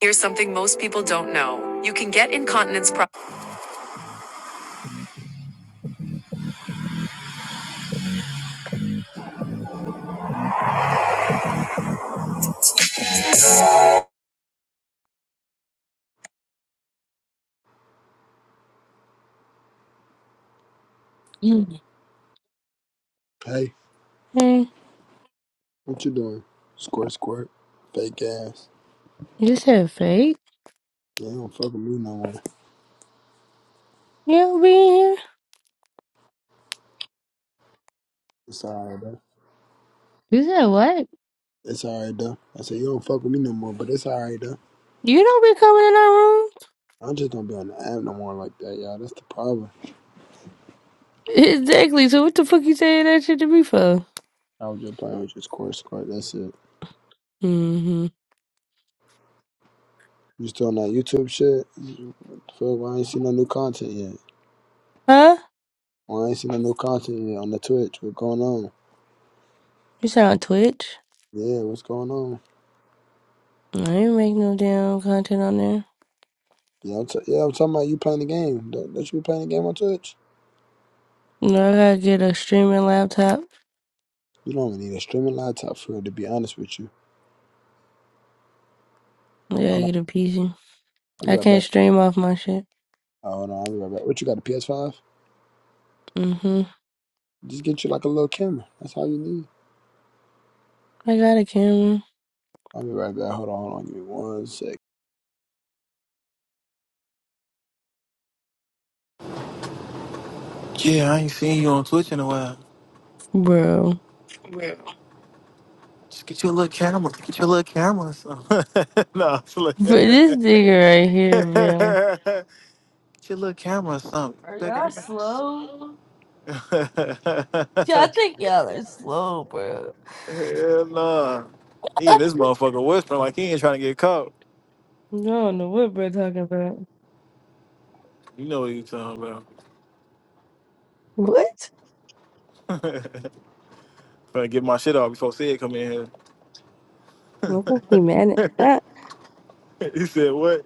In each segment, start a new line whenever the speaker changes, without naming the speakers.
Here's something most people don't know. You can get incontinence problems.
Hey,
Hey,
what you doing? Squirt, squirt. Fake ass.
you said fake?
Yeah, you don't fuck with me no more.
You don't be in here?
It's alright, though.
You said what?
It's alright, though. I said, you don't fuck with me no more, but it's alright, though.
You don't be coming in our room?
I just don't be on the app no more like that, y'all. That's the problem.
Exactly, so what the fuck you saying that shit to me for?
I was just playing with your squirt, squirt. That's it.
Mm-hmm.
You still on that YouTube shit? What the fuck? Why I ain't seen no new content yet?
Huh?
Why I ain't seen no new content yet on the Twitch? What's going on?
You said on Twitch?
Yeah, what's going on?
I ain't make no damn content on there.
Yeah, I'm, t- yeah, I'm talking about you playing the game. Don't, don't you be playing the game on Twitch?
No, I gotta get a streaming laptop.
You don't even need a streaming laptop for it, to be honest with you.
I
Hold on.
gotta get a PC.
I'll be
I
right
can't
back.
stream off my shit.
Oh, hold on, I'll be right back. What you got? A PS5?
Mm-hmm.
Just get you like a little camera. That's all you need.
I got a camera.
I'll be right back. Hold on, hold on. Give me one sec.
Yeah, I ain't seen you on Twitch in a while.
Bro.
Just get you a little camera. Get you a little camera or something. no, I'm just
But
looking.
this
get
nigga right here, bro.
you a little camera or something.
Are
That
y'all
guy-
slow? Yeah, I think y'all are slow, bro.
Hell no. He
No,
and this motherfucker whispering like he ain't trying to get caught.
don't know what we're talking about?
You know what he's talking about.
What?
Better get my shit off before Sid come in
I
here.
don't think we mad at that.
he said what?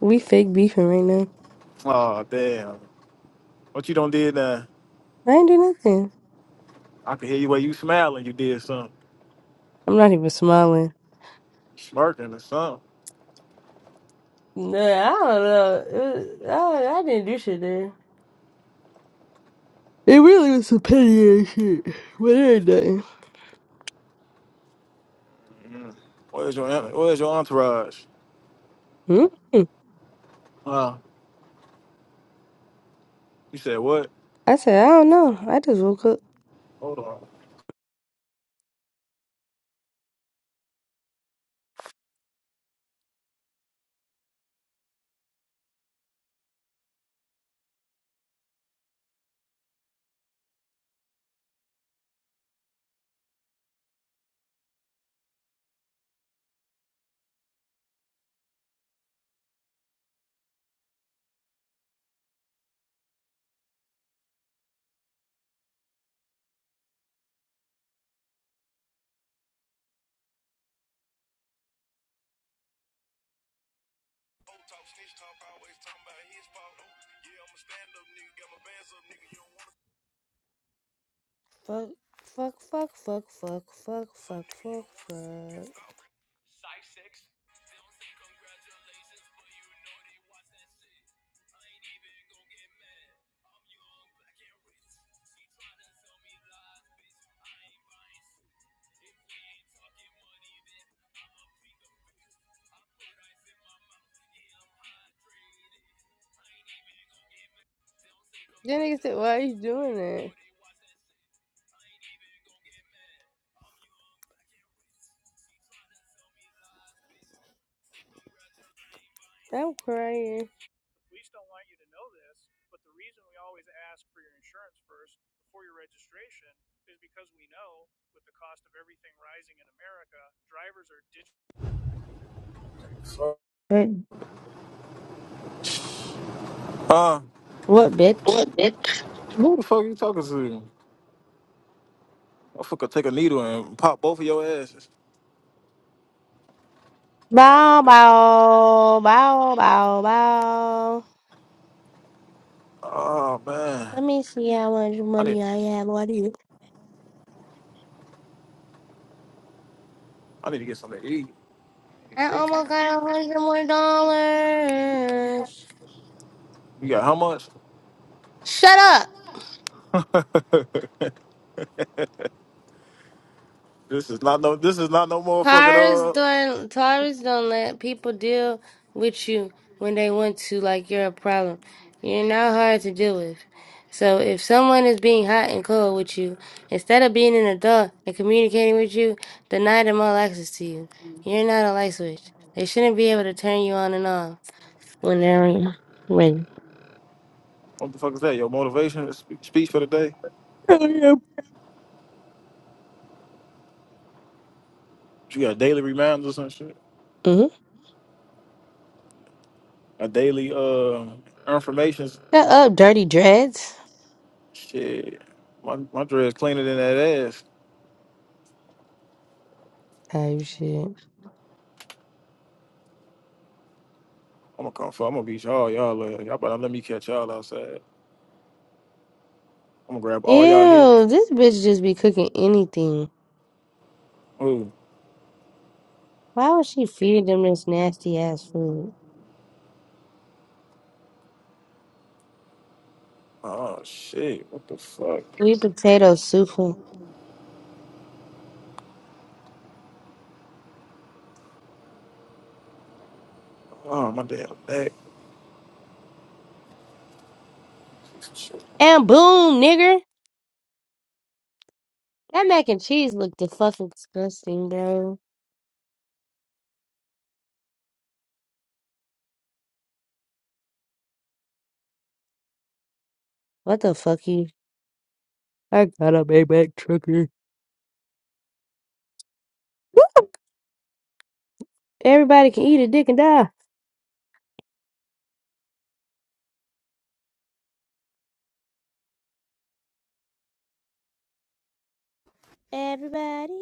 We fake beefing right now.
Oh damn. What you done did now?
I ain't do nothing.
I could hear you where you smiling you did something.
I'm not even smiling.
Smirking or something.
Nah, I don't know. It was, I, don't- I didn't do shit there. It really was some petty ass shit. What ain't nothing.
Where's your en- Where's your entourage?
Mm-hmm.
Uh, you said what?
I said, I don't know. I just woke up.
Hold on.
Fuck, fuck, fuck, fuck, fuck, fuck, fuck, fuck, fuck. That nigga said, why are you doing that? I'm crying.
Sorry. Uh,
What bitch?
who the fuck you talking to? I fucker take a needle and pop both of your asses. Damn, I just-
Bow,
missed-
bow, bow, bow, bow.
Oh man,
Let me see how much
I need
money I have. What do you?
I need to get something to eat.
I almost got a hundred more dollars.
You got how much?
Shut up.
this is not no. This is not no motherfucking
Taurus
uh.
don't Taurus don't let people deal with you when they want to, like you're a problem. You're not hard to deal with. So if someone is being hot and cold with you, instead of being an adult and communicating with you, deny them all access to you. You're not a light switch. They shouldn't be able to turn you on and off when they're when.
What the fuck is that? Your motivation spe- speech for the day.
Mm-hmm.
You got daily reminders and shit. A daily uh information
Shut up, dirty dreads.
Shit, my my dress cleaner than that ass.
Type shit.
I'm gonna come for. I'm gonna beat y'all. Y'all, uh, y'all better let me catch y'all outside. I'm gonna grab all y'all
Ew,
heels.
this bitch just be cooking anything.
Ooh.
Why would she feed them this nasty ass food?
Oh shit. What the fuck?
Sweet potato soup and
Oh my damn back. Shit.
and boom, nigger. That mac and cheese looked the fucking disgusting, bro. What the fuck you? I got a Maybach trucker. Everybody can eat a dick and die. Everybody